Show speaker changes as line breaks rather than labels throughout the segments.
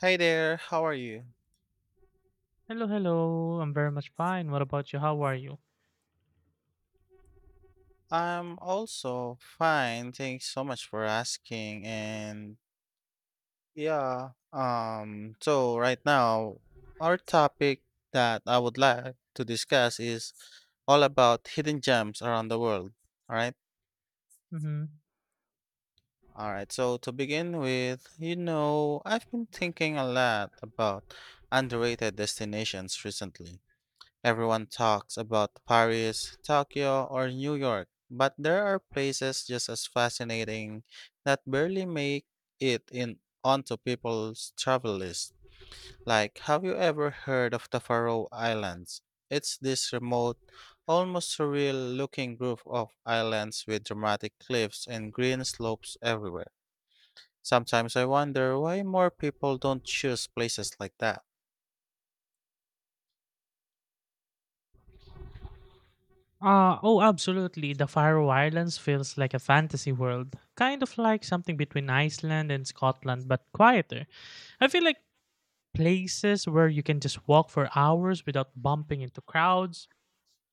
Hi there, how are you?
Hello, hello. I'm very much fine. What about you? How are you?
I'm also fine. Thanks so much for asking. And yeah, so right now, our topic that I would like to discuss is all about hidden gems around the world. All right.
Mm-hmm.
All right. So to begin with, you know, I've been thinking a lot about underrated destinations recently. Everyone talks about Paris, Tokyo, or New York, but there are places just as fascinating that barely make it in onto people's travel list. Like, have you ever heard of the Faroe Islands? It's this remote, almost surreal looking group of islands with dramatic cliffs and green slopes everywhere. Sometimes I wonder why more people don't choose places like that.
Oh, absolutely. The Faroe Islands feels like a fantasy world, kind of like something between Iceland and Scotland, but quieter. I feel like places where you can just walk for hours without bumping into crowds.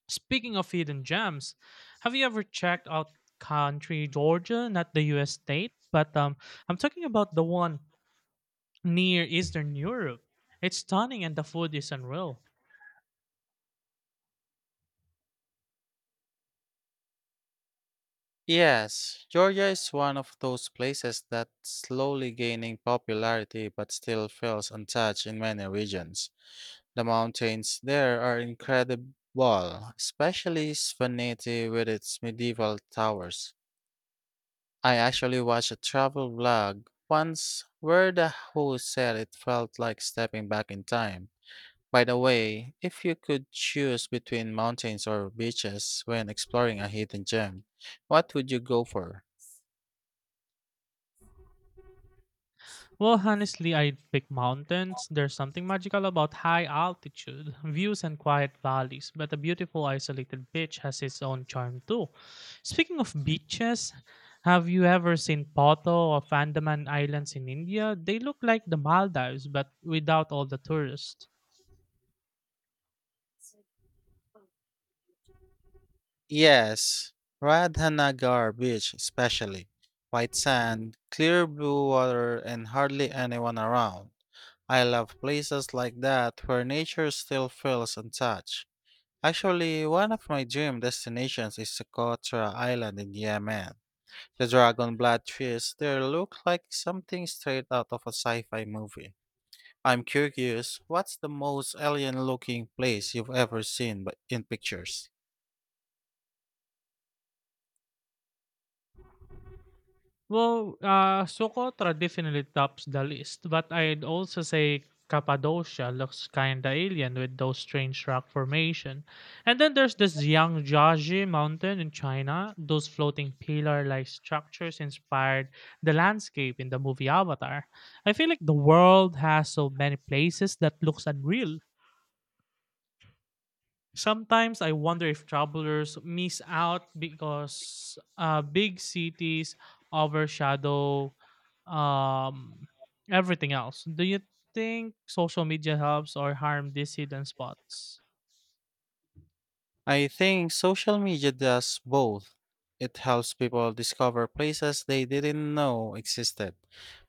Speaking of hidden gems, have you ever checked out country Georgia, not the US state, but I'm talking about the one near Eastern Europe. It's stunning and the food is unreal.
Yes, Georgia is one of those places that's slowly gaining popularity but still feels untouched in many regions. The mountains there are incredible, especially Svaneti with its medieval towers. I actually watched a travel vlog once where the host said it felt like stepping back in time. By the way, if you could choose between mountains or beaches when exploring a hidden gem, what would you go for?
Well, honestly, I'd pick mountains. There's something magical about high altitude views and quiet valleys, but a beautiful isolated beach has its own charm too. Speaking of beaches, have you ever seen Poto of Andaman Islands in India? They look like the Maldives, but without all the tourists.
Yes, Radhanagar Beach, especially. White sand, clear blue water, and hardly anyone around. I love places like that where nature still feels untouched. Actually, one of my dream destinations is Socotra Island in Yemen. The dragon blood trees there look like something straight out of a sci-fi movie. I'm curious, what's the most alien-looking place you've ever seen but in pictures?
Well, Socotra definitely tops the list, but I'd also say Cappadocia looks kinda alien with those strange rock formation. And then there's this Yangjiajie mountain in China. Those floating pillar-like structures inspired the landscape in the movie Avatar. I feel like the world has so many places that looks unreal. Sometimes I wonder if travelers miss out because big cities overshadow um, everything else. Do you think social media helps or harm these hidden spots?
I think social media does both. It helps people discover places they didn't know existed,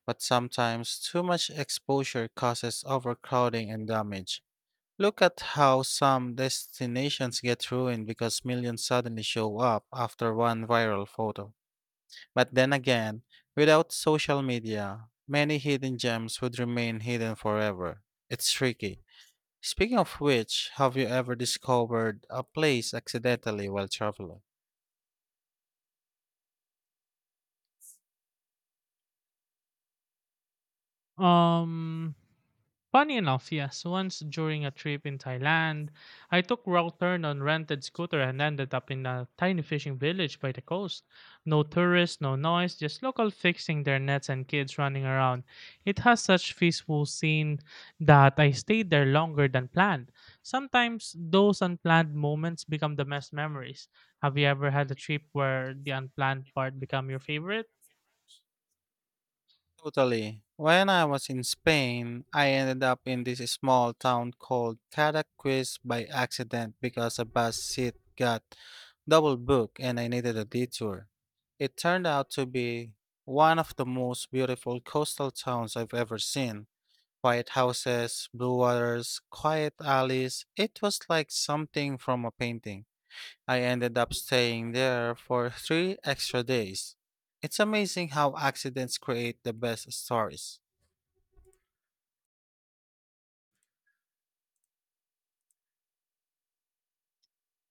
but sometimes too much exposure causes overcrowding and damage. Look at how some destinations get ruined because millions suddenly show up after one viral photo. But then again, without social media, many hidden gems would remain hidden forever. It's tricky. Speaking of which, have you ever discovered a place accidentally while traveling?
Um, Funny enough, yes. Once during a trip in Thailand, I took wrong turn on rented scooter and ended up in a tiny fishing village by the coast. No tourists, no noise, just local fixing their nets and kids running around. It has such peaceful scene that I stayed there longer than planned. Sometimes those unplanned moments become the best memories. Have you ever had a trip where the unplanned part become your favorite?
Totally. When I was in Spain, I ended up in this small town called Cadaqués by accident because a bus seat got double booked and I needed a detour. It turned out to be one of the most beautiful coastal towns I've ever seen. Quiet houses, blue waters, quiet alleys. It was like something from a painting. I ended up staying there for three extra days. It's amazing how accidents create the best stories.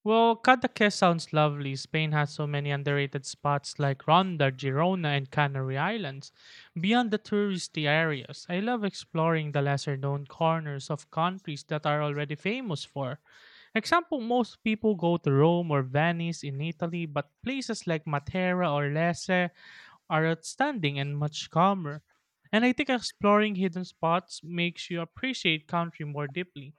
Well, Cadaqués sounds lovely. Spain has so many underrated spots like Ronda, Girona, and Canary Islands. Beyond the touristy areas, I love exploring the lesser known corners of countries that are already famous for. Example, most people go to Rome or Venice in Italy, but places like Matera or Lecce are outstanding and much calmer. And I think exploring hidden spots makes you appreciate country more deeply.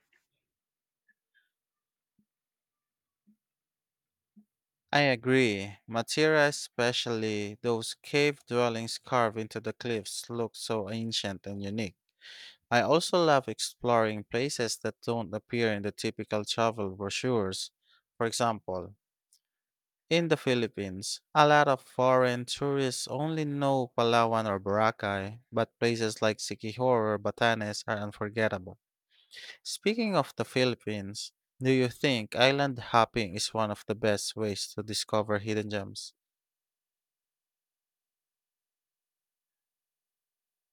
I agree. Matira, especially those cave dwellings carved into the cliffs, look so ancient and unique. I also love exploring places that don't appear in the typical travel brochures. For example, in the Philippines, a lot of foreign tourists only know Palawan or Boracay, but places like Siquijor or Batanes are unforgettable. Speaking of the Philippines, do you think island hopping is one of the best ways to discover hidden gems?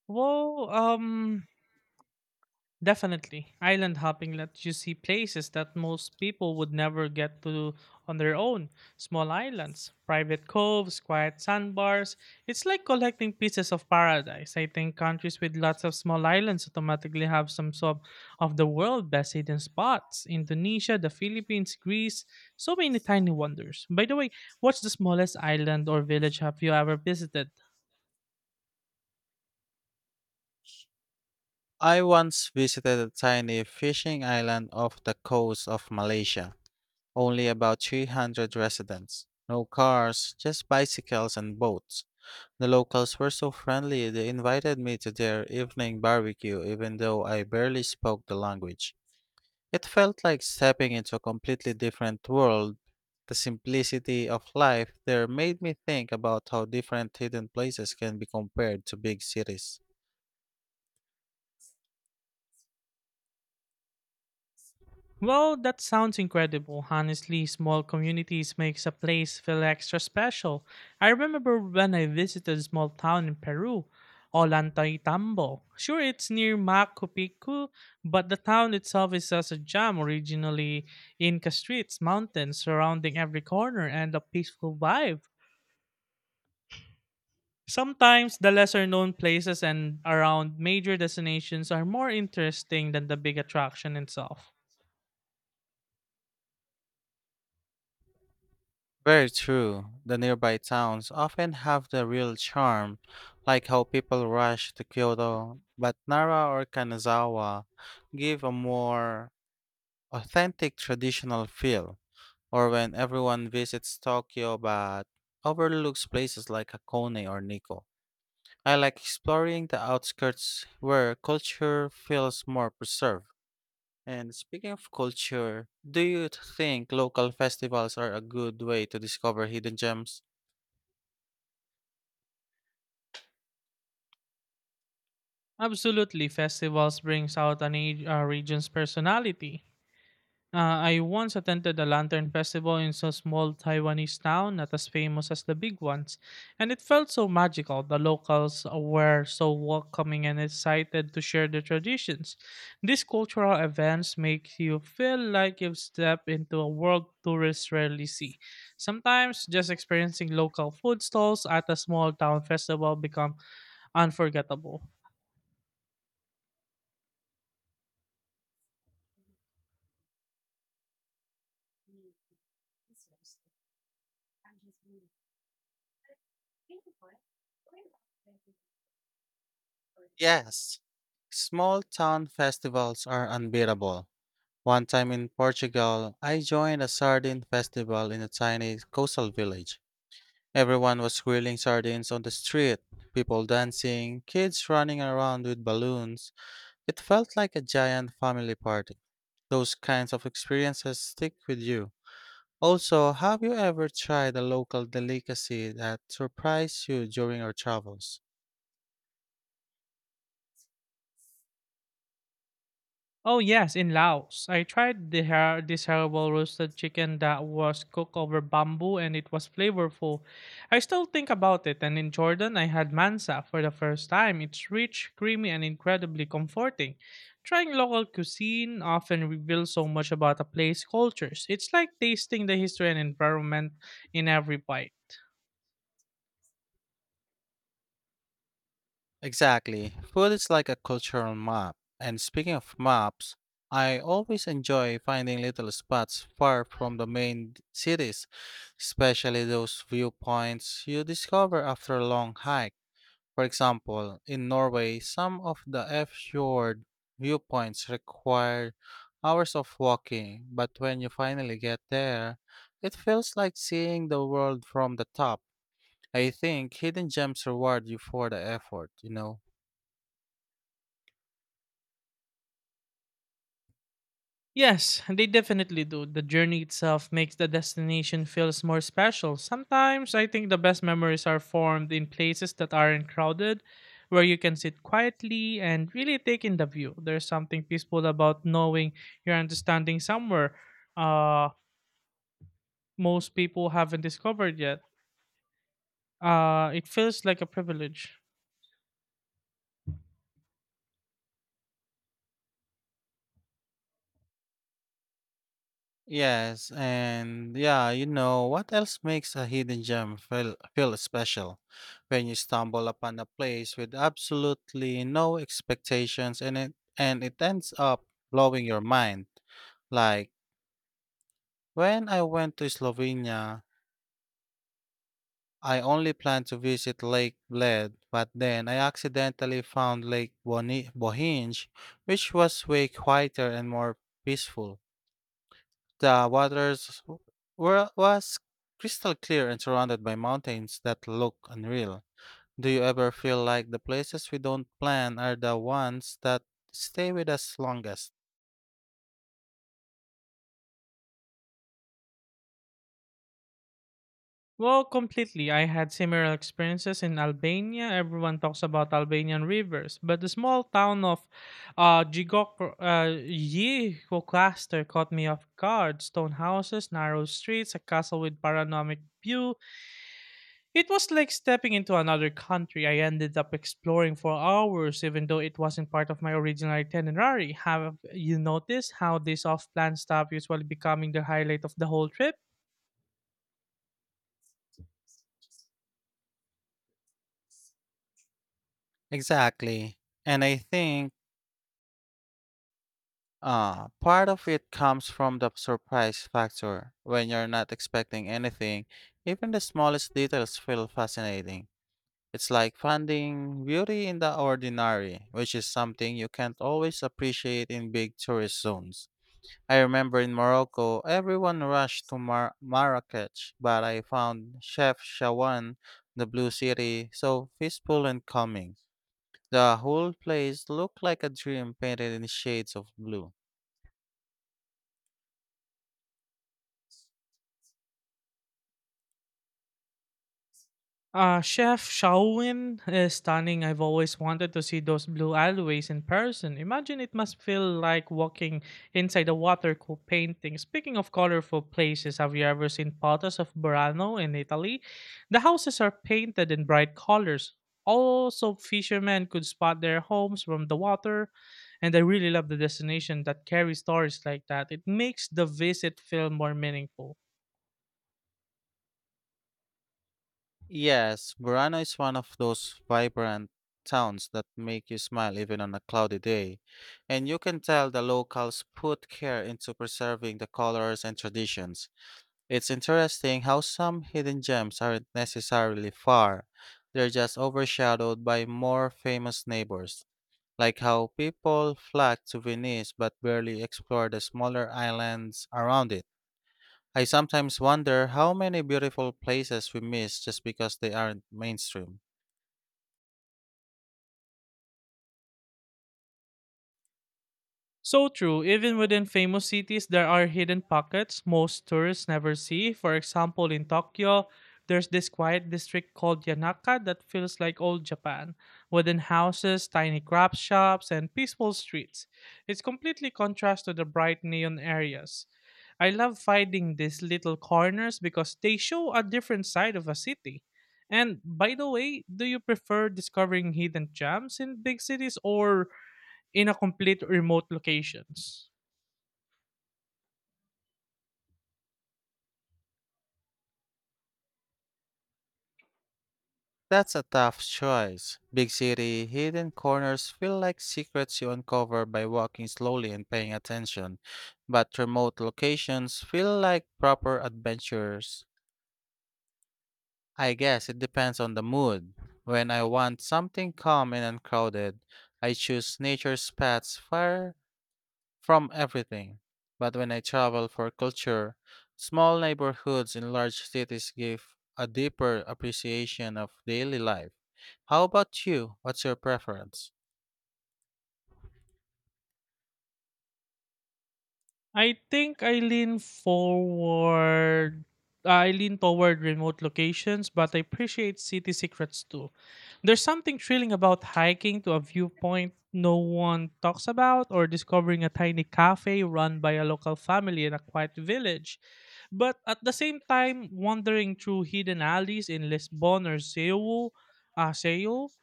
Well, definitely. Island hopping lets you see places that most people would never get to on their own. Small islands, private coves, quiet sandbars. It's like collecting pieces of paradise. I think countries with lots of small islands automatically have some sort of the world best hidden spots. Indonesia, the Philippines, Greece, so many tiny wonders. By the way, what's the smallest island or village have you ever visited?
I once visited a tiny fishing island off the coast of Malaysia, only about 300 residents. No cars, just bicycles and boats. The locals were so friendly, they invited me to their evening barbecue even though I barely spoke the language. It felt like stepping into a completely different world. The simplicity of life there made me think about how different hidden places can be compared to big cities.
Well, that sounds incredible. Honestly, small communities makes a place feel extra special. I remember when I visited a small town in Peru, Ollantaytambo. Sure, it's near Machu Picchu, but the town itself is as a gem, originally Inca streets, mountains surrounding every corner, and a peaceful vibe. Sometimes the lesser known places and around major destinations are more interesting than the big attraction itself.
Very true. The nearby towns often have the real charm, like how people rush to Kyoto, but Nara or Kanazawa give a more authentic traditional feel. Or when everyone visits Tokyo but overlooks places like Hakone or Nikko. I like exploring the outskirts where culture feels more preserved. And speaking of culture, do you think local festivals are a good way to discover hidden gems?
Absolutely, festivals brings out an age, region's personality. I once attended a lantern festival in a small Taiwanese town, not as famous as the big ones, and it felt so magical. The locals were so welcoming and excited to share their traditions. These cultural events make you feel like you've stepped into a world tourists rarely see. Sometimes just experiencing local food stalls at a small town festival become unforgettable.
Yes. Small town festivals are unbeatable. One time in Portugal, I joined a sardine festival in a tiny coastal village. Everyone was grilling sardines on the street, people dancing, kids running around with balloons. It felt like a giant family party. Those kinds of experiences stick with you. Also, have you ever tried a local delicacy that surprised you during your travels?
Oh yes, in Laos, I tried this herbal roasted chicken that was cooked over bamboo and it was flavorful. I still think about it. And in Jordan, I had mansa for the first time. It's rich, creamy, and incredibly comforting. Trying local cuisine often reveals so much about a place's cultures. It's like tasting the history and environment in every bite.
Exactly. Food is like a cultural map. And speaking of maps, I always enjoy finding little spots far from the main cities, especially those viewpoints you discover after a long hike. For example, in Norway, some of the F fjord viewpoints require hours of walking, but when you finally get there, it feels like seeing the world from the top. I think hidden gems reward you for the effort, you know.
Yes, they definitely do. The journey itself makes the destination feels more special. Sometimes I think the best memories are formed in places that aren't crowded, where you can sit quietly and really take in the view. There's something peaceful about knowing you're understanding somewhere uh most people haven't discovered yet. It feels like a privilege.
Yes, and yeah, you know what else makes a hidden gem feel special? When you stumble upon a place with absolutely no expectations and it ends up blowing your mind. Like when I went to Slovenia, I only planned to visit Lake Bled, but then I accidentally found Bohinj, which was way quieter and more peaceful. The waters was crystal clear and surrounded by mountains that look unreal. Do you ever feel like the places we don't plan are the ones that stay with us longest?
Well, completely. I had similar experiences in Albania. Everyone talks about Albanian rivers, but the small town of Gjiko cluster caught me off guard. Stone houses, narrow streets, a castle with panoramic view. It was like stepping into another country. I ended up exploring for hours, even though it wasn't part of my original itinerary. Have you noticed how these off-plan stuff usually becoming the highlight of the whole trip?
Exactly. And I think part of it comes from the surprise factor. When you're not expecting anything, even the smallest details feel fascinating. It's like finding beauty in the ordinary, which is something you can't always appreciate in big tourist zones. I remember in Morocco, everyone rushed to Marrakech, but I found Chef Shawan, the Blue City, so peaceful and calming. The whole place looked like a dream painted in shades of blue.
Chef Shaowen is stunning. I've always wanted to see those blue alleyways in person. Imagine it must feel like walking inside a watercolor painting. Speaking of colorful places, have you ever seen photos of Burano in Italy? The houses are painted in bright colors. Also, fishermen could spot their homes from the water. And I really love the destination that carries stories like that. It makes the visit feel more meaningful.
Yes, Burano is one of those vibrant towns that make you smile even on a cloudy day, and you can tell the locals put care into preserving the colors and traditions. It's interesting how some hidden gems aren't necessarily far, they're just overshadowed by more famous neighbors, like how people flock to Venice but barely explore the smaller islands around it. I sometimes wonder how many beautiful places we miss just because they aren't mainstream.
So true. Even within famous cities, there are hidden pockets most tourists never see. For example, in Tokyo, there's this quiet district called Yanaka that feels like old Japan, wooden houses, tiny craft shops, and peaceful streets. It's completely contrast to the bright neon areas. I love finding these little corners because they show a different side of a city. And by the way, do you prefer discovering hidden gems in big cities or in a complete remote locations?
That's a tough choice. Big city hidden corners feel like secrets you uncover by walking slowly and paying attention, but remote locations feel like proper adventures. I guess it depends on the mood. When I want something calm and uncrowded, I choose nature's paths far from everything. But when I travel for culture, small neighborhoods in large cities give a deeper appreciation of daily life. How about you? What's your preference?
I think I lean forward. I lean toward remote locations, but I appreciate city secrets too. There's something thrilling about hiking to a viewpoint no one talks about, or discovering a tiny cafe run by a local family in a quiet village. But at the same time, wandering through hidden alleys in Lisbon or Seoul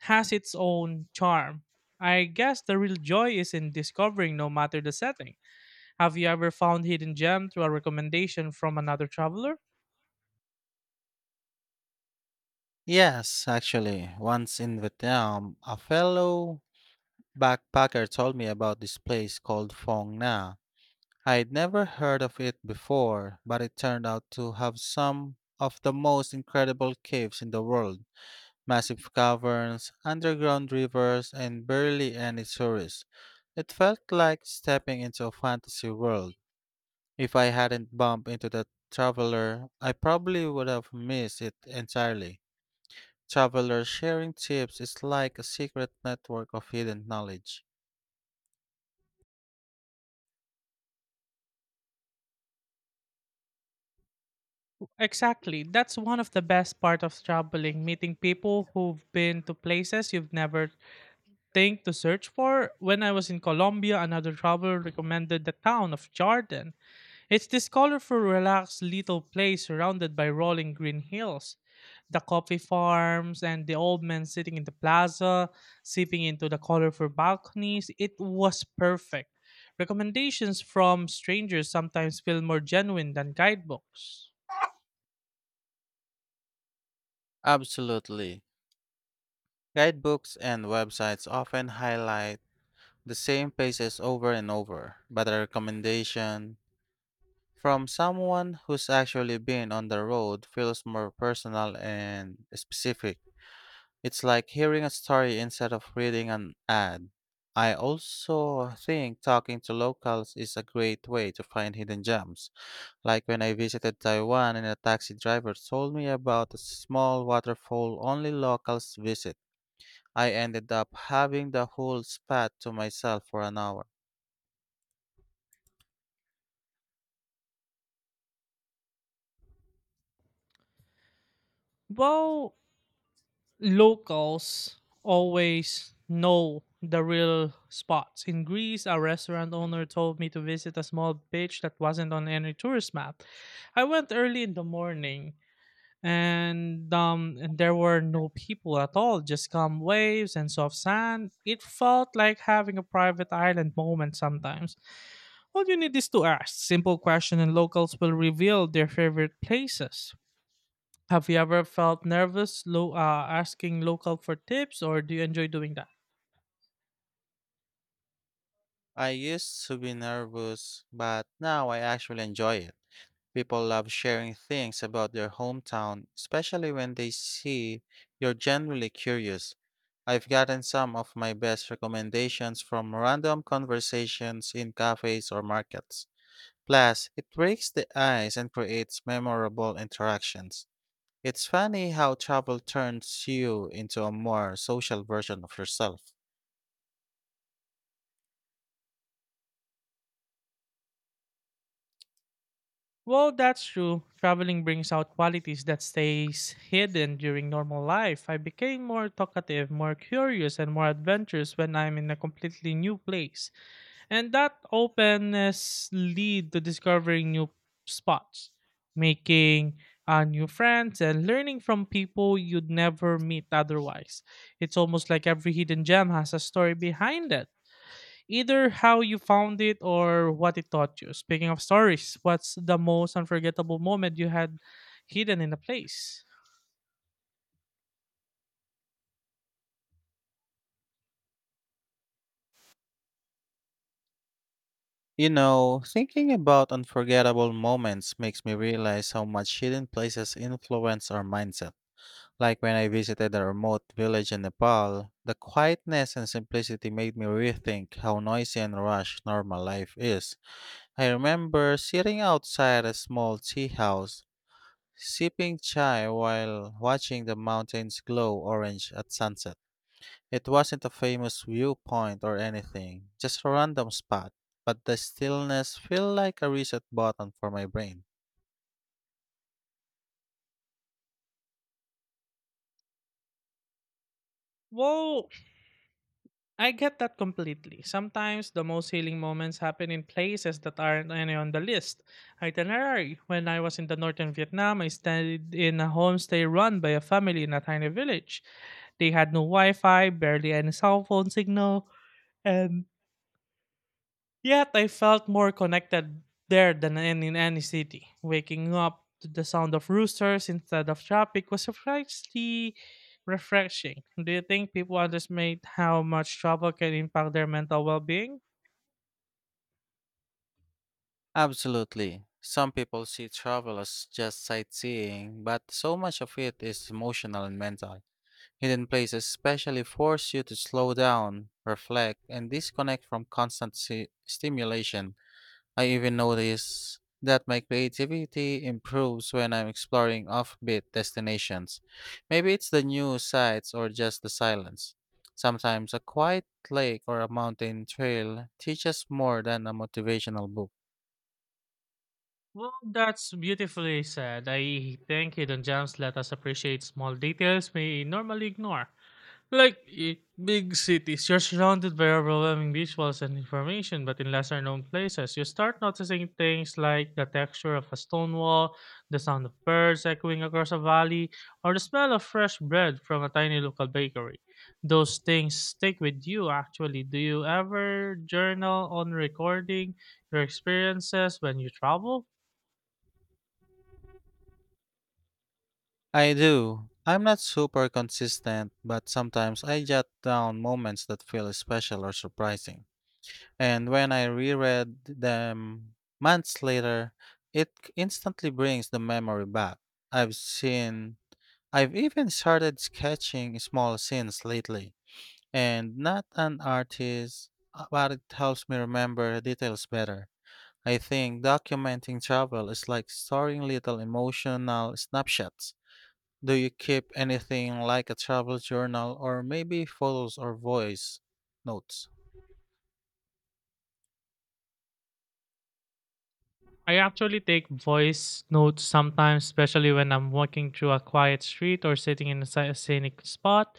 has its own charm. I guess the real joy is in discovering no matter the setting. Have you ever found hidden gem through a recommendation from another traveler?
Yes, actually, once in Vietnam, a fellow backpacker told me about this place called Phong Nha. I'd never heard of it before, but it turned out to have some of the most incredible caves in the world. Massive caverns, underground rivers, and barely any tourists. It felt like stepping into a fantasy world. If I hadn't bumped into the traveler, I probably would have missed it entirely. Travelers sharing tips is like a secret network of hidden knowledge.
Exactly. That's one of the best part of traveling, meeting people who've been to places you've never think to search for. When I was in Colombia, another traveler recommended the town of Jardin. It's this colorful, relaxed little place surrounded by rolling green hills, the coffee farms, and the old men sitting in the plaza, sipping into the colorful balconies. It was perfect. Recommendations from strangers sometimes feel more genuine than guidebooks.
Absolutely. Guidebooks and websites often highlight the same places over and over, but a recommendation from someone who's actually been on the road feels more personal and specific. It's like hearing a story instead of reading an ad. I also think talking to locals is a great way to find hidden gems. Like when I visited Taiwan and a taxi driver told me about a small waterfall only locals visit. I ended up having the whole spot to myself for an hour.
Well, locals always know the real spots. In Greece, a restaurant owner told me to visit a small beach that wasn't on any tourist map. I went early in the morning and there were no people at all, just calm waves and soft sand. It felt like having a private island moment sometimes. All you need is to ask simple question and locals will reveal their favorite places. Have you ever felt nervous asking local for tips, or do you enjoy doing that?
I used to be nervous, but now I actually enjoy it. People love sharing things about their hometown, especially when they see you're genuinely curious. I've gotten some of my best recommendations from random conversations in cafes or markets. Plus, it breaks the ice and creates memorable interactions. It's funny how travel turns you into a more social version of yourself.
Well, that's true. Traveling brings out qualities that stays hidden during normal life. I became more talkative, more curious, and more adventurous when I'm in a completely new place. And that openness lead to discovering new spots, making new friends, and learning from people you'd never meet otherwise. It's almost like every hidden gem has a story behind it either how you found it or what it taught you. Speaking of stories, what's the most unforgettable moment you had hidden in a place?
You know, thinking about unforgettable moments makes me realize how much hidden places influence our mindset. Like when I visited a remote village in Nepal, the quietness and simplicity made me rethink how noisy and rushed normal life is. I remember sitting outside a small tea house, sipping chai while watching the mountains glow orange at sunset. It wasn't a famous viewpoint or anything, just a random spot, but the stillness felt like a reset button for my brain.
Well, I get that completely. Sometimes the most healing moments happen in places that aren't any on the list. Itinerary. When I was in the northern Vietnam, I stayed in a homestay run by a family in a tiny village. They had no Wi Fi, barely any cell phone signal, and yet I felt more connected there than in any city. Waking up to the sound of roosters instead of traffic was surprisingly refreshing. Do you think people underestimate how much travel can impact their mental well being?
Absolutely. Some people see travel as just sightseeing, but so much of it is emotional and mental. Hidden places especially force you to slow down, reflect, and disconnect from constant stimulation. I even notice that my creativity improves when I'm exploring offbeat destinations. Maybe it's the new sights or just the silence. Sometimes a quiet lake or a mountain trail teaches more than a motivational book.
Well, that's beautifully said. I think hidden gems let us appreciate small details we normally ignore. Like big cities, you're surrounded by overwhelming visuals and information, but in lesser known places, you start noticing things like the texture of a stone wall, the sound of birds echoing across a valley, or the smell of fresh bread from a tiny local bakery. Those things stick with you actually. Do you ever journal on recording your experiences when you travel?
I do. I'm not super consistent, but sometimes I jot down moments that feel special or surprising. And when I reread them months later, instantly brings the memory back. I've seen, I've even started sketching small scenes lately. And not an artist, but it helps me remember details better. I think documenting travel is like storing little emotional snapshots. Do you keep anything like a travel journal or maybe photos or voice notes?
I actually take voice notes sometimes, especially when I'm walking through a quiet street or sitting in a scenic spot.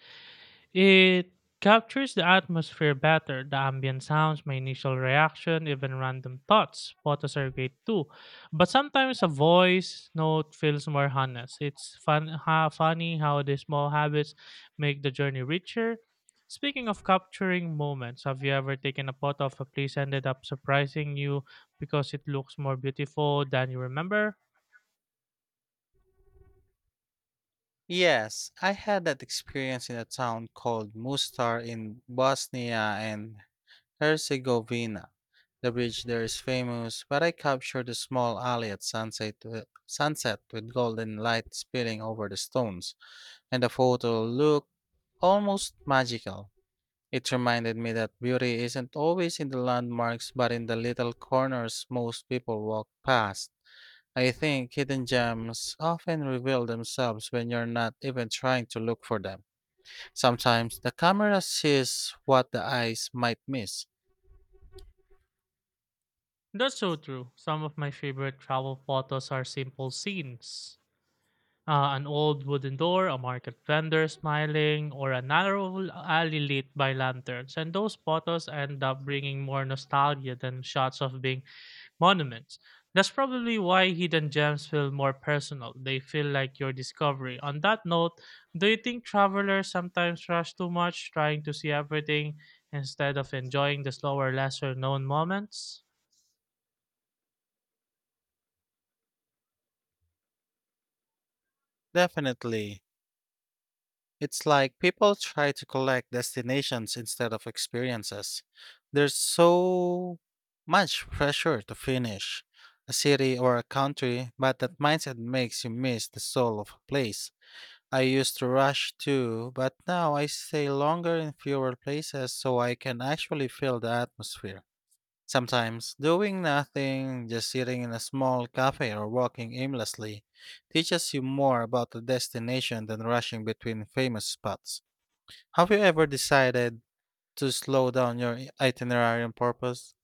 It captures the atmosphere better, the ambient sounds, my initial reaction, even random thoughts. Photos are great too. But sometimes a voice note feels more honest. It's funny how the small habits make the journey richer. Speaking of capturing moments, have you ever taken a photo of a place ended up surprising you because it looks more beautiful than you remember?
Yes, I had that experience in a town called Mustar in Bosnia and Herzegovina. The bridge there is famous, but I captured a small alley at sunset with golden light spilling over the stones, and the photo looked almost magical. It reminded me that beauty isn't always in the landmarks but in the little corners most people walk past. I think hidden gems often reveal themselves when you're not even trying to look for them. Sometimes the camera sees what the eyes might miss.
That's so true. Some of my favorite travel photos are simple scenes. An old wooden door, a market vendor smiling, or a narrow alley lit by lanterns. And those photos end up bringing more nostalgia than shots of big monuments. That's probably why hidden gems feel more personal. They feel like your discovery. On that note, do you think travelers sometimes rush too much trying to see everything instead of enjoying the slower, lesser known moments?
Definitely, it's like people try to collect destinations instead of experiences. There's so much pressure to finish a city or a country, but that mindset makes you miss the soul of a place. I used to rush too, but now I stay longer in fewer places so I can actually feel the atmosphere. Sometimes doing nothing, just sitting in a small cafe or walking aimlessly, teaches you more about the destination than rushing between famous spots. Have you ever decided to slow down your itinerary on purpose?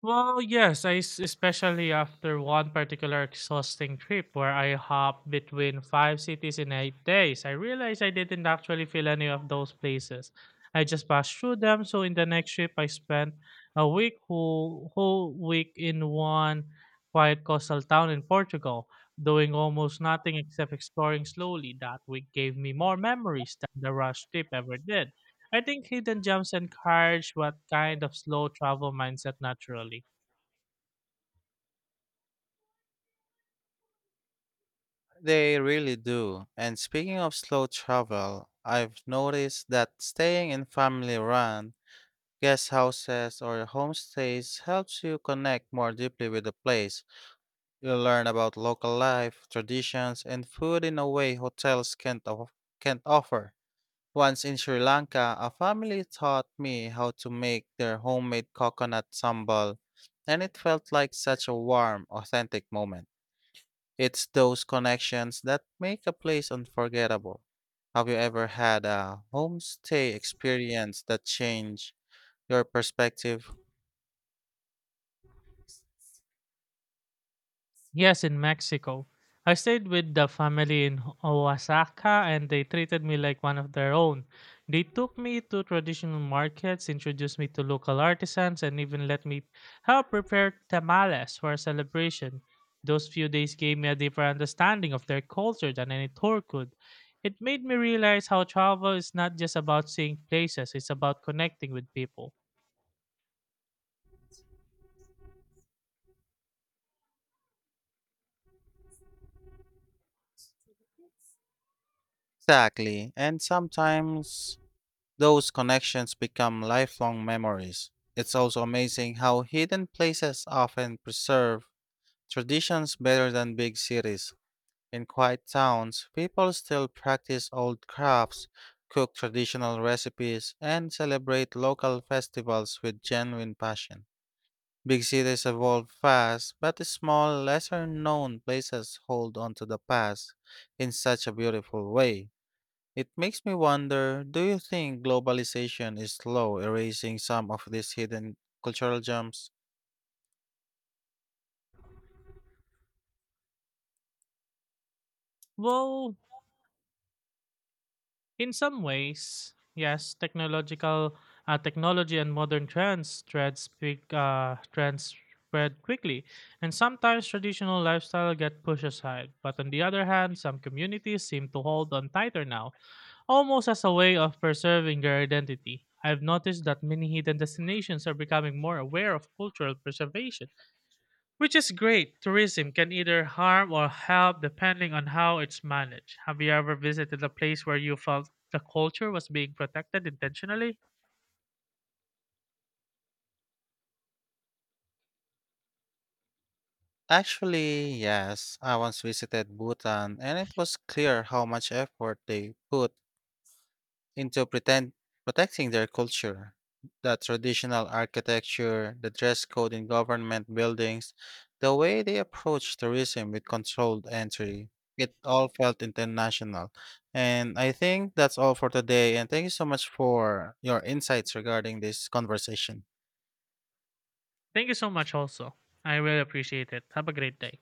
Well, yes, especially after one particular exhausting trip where I hopped between five cities in 8 days. I realized I didn't actually feel any of those places. I just passed through them. So in the next trip, I spent a week whole whole week in one quiet coastal town in Portugal, doing almost nothing except exploring slowly. That week gave me more memories than the rush trip ever did. I think hidden gems encourage what kind of slow travel mindset naturally.
They really do. And speaking of slow travel, I've noticed that staying in family run guest houses or homestays helps you connect more deeply with the place. You learn about local life, traditions, and food in a way hotels can't offer. Once in Sri Lanka, a family taught me how to make their homemade coconut sambal, and it felt like such a warm, authentic moment. It's those connections that make a place unforgettable. Have you ever had a homestay experience that changed your perspective?
Yes, in Mexico. I stayed with the family in Oaxaca and they treated me like one of their own. They took me to traditional markets, introduced me to local artisans, and even let me help prepare tamales for a celebration. Those few days gave me a deeper understanding of their culture than any tour could. It made me realize how travel is not just about seeing places, it's about connecting with people.
Exactly. And sometimes those connections become lifelong memories. It's also amazing how hidden places often preserve traditions better than big cities. In quiet towns, people still practice old crafts, cook traditional recipes, and celebrate local festivals with genuine passion. Big cities evolve fast, but small, lesser known places hold on to the past in such a beautiful way. It makes me wonder, do you think globalization is slow erasing some of these hidden cultural gems?
Well, in some ways, yes, technological technology and modern trends spread quickly, and sometimes traditional lifestyle get pushed aside. But on the other hand, some communities seem to hold on tighter now, almost as a way of preserving their identity. I've noticed that many hidden destinations are becoming more aware of cultural preservation which is great. Tourism can either harm or help depending on how it's managed. Have you ever visited a place where you felt the culture was being protected intentionally?
Actually, yes. I once visited Bhutan and it was clear how much effort they put into pretend protecting their culture. The traditional architecture, the dress code in government buildings, the way they approach tourism with controlled entry. It all felt international. And I think that's all for today. And thank you so much for your insights regarding this conversation.
Thank you so much, also. I really appreciate it. Have a great day.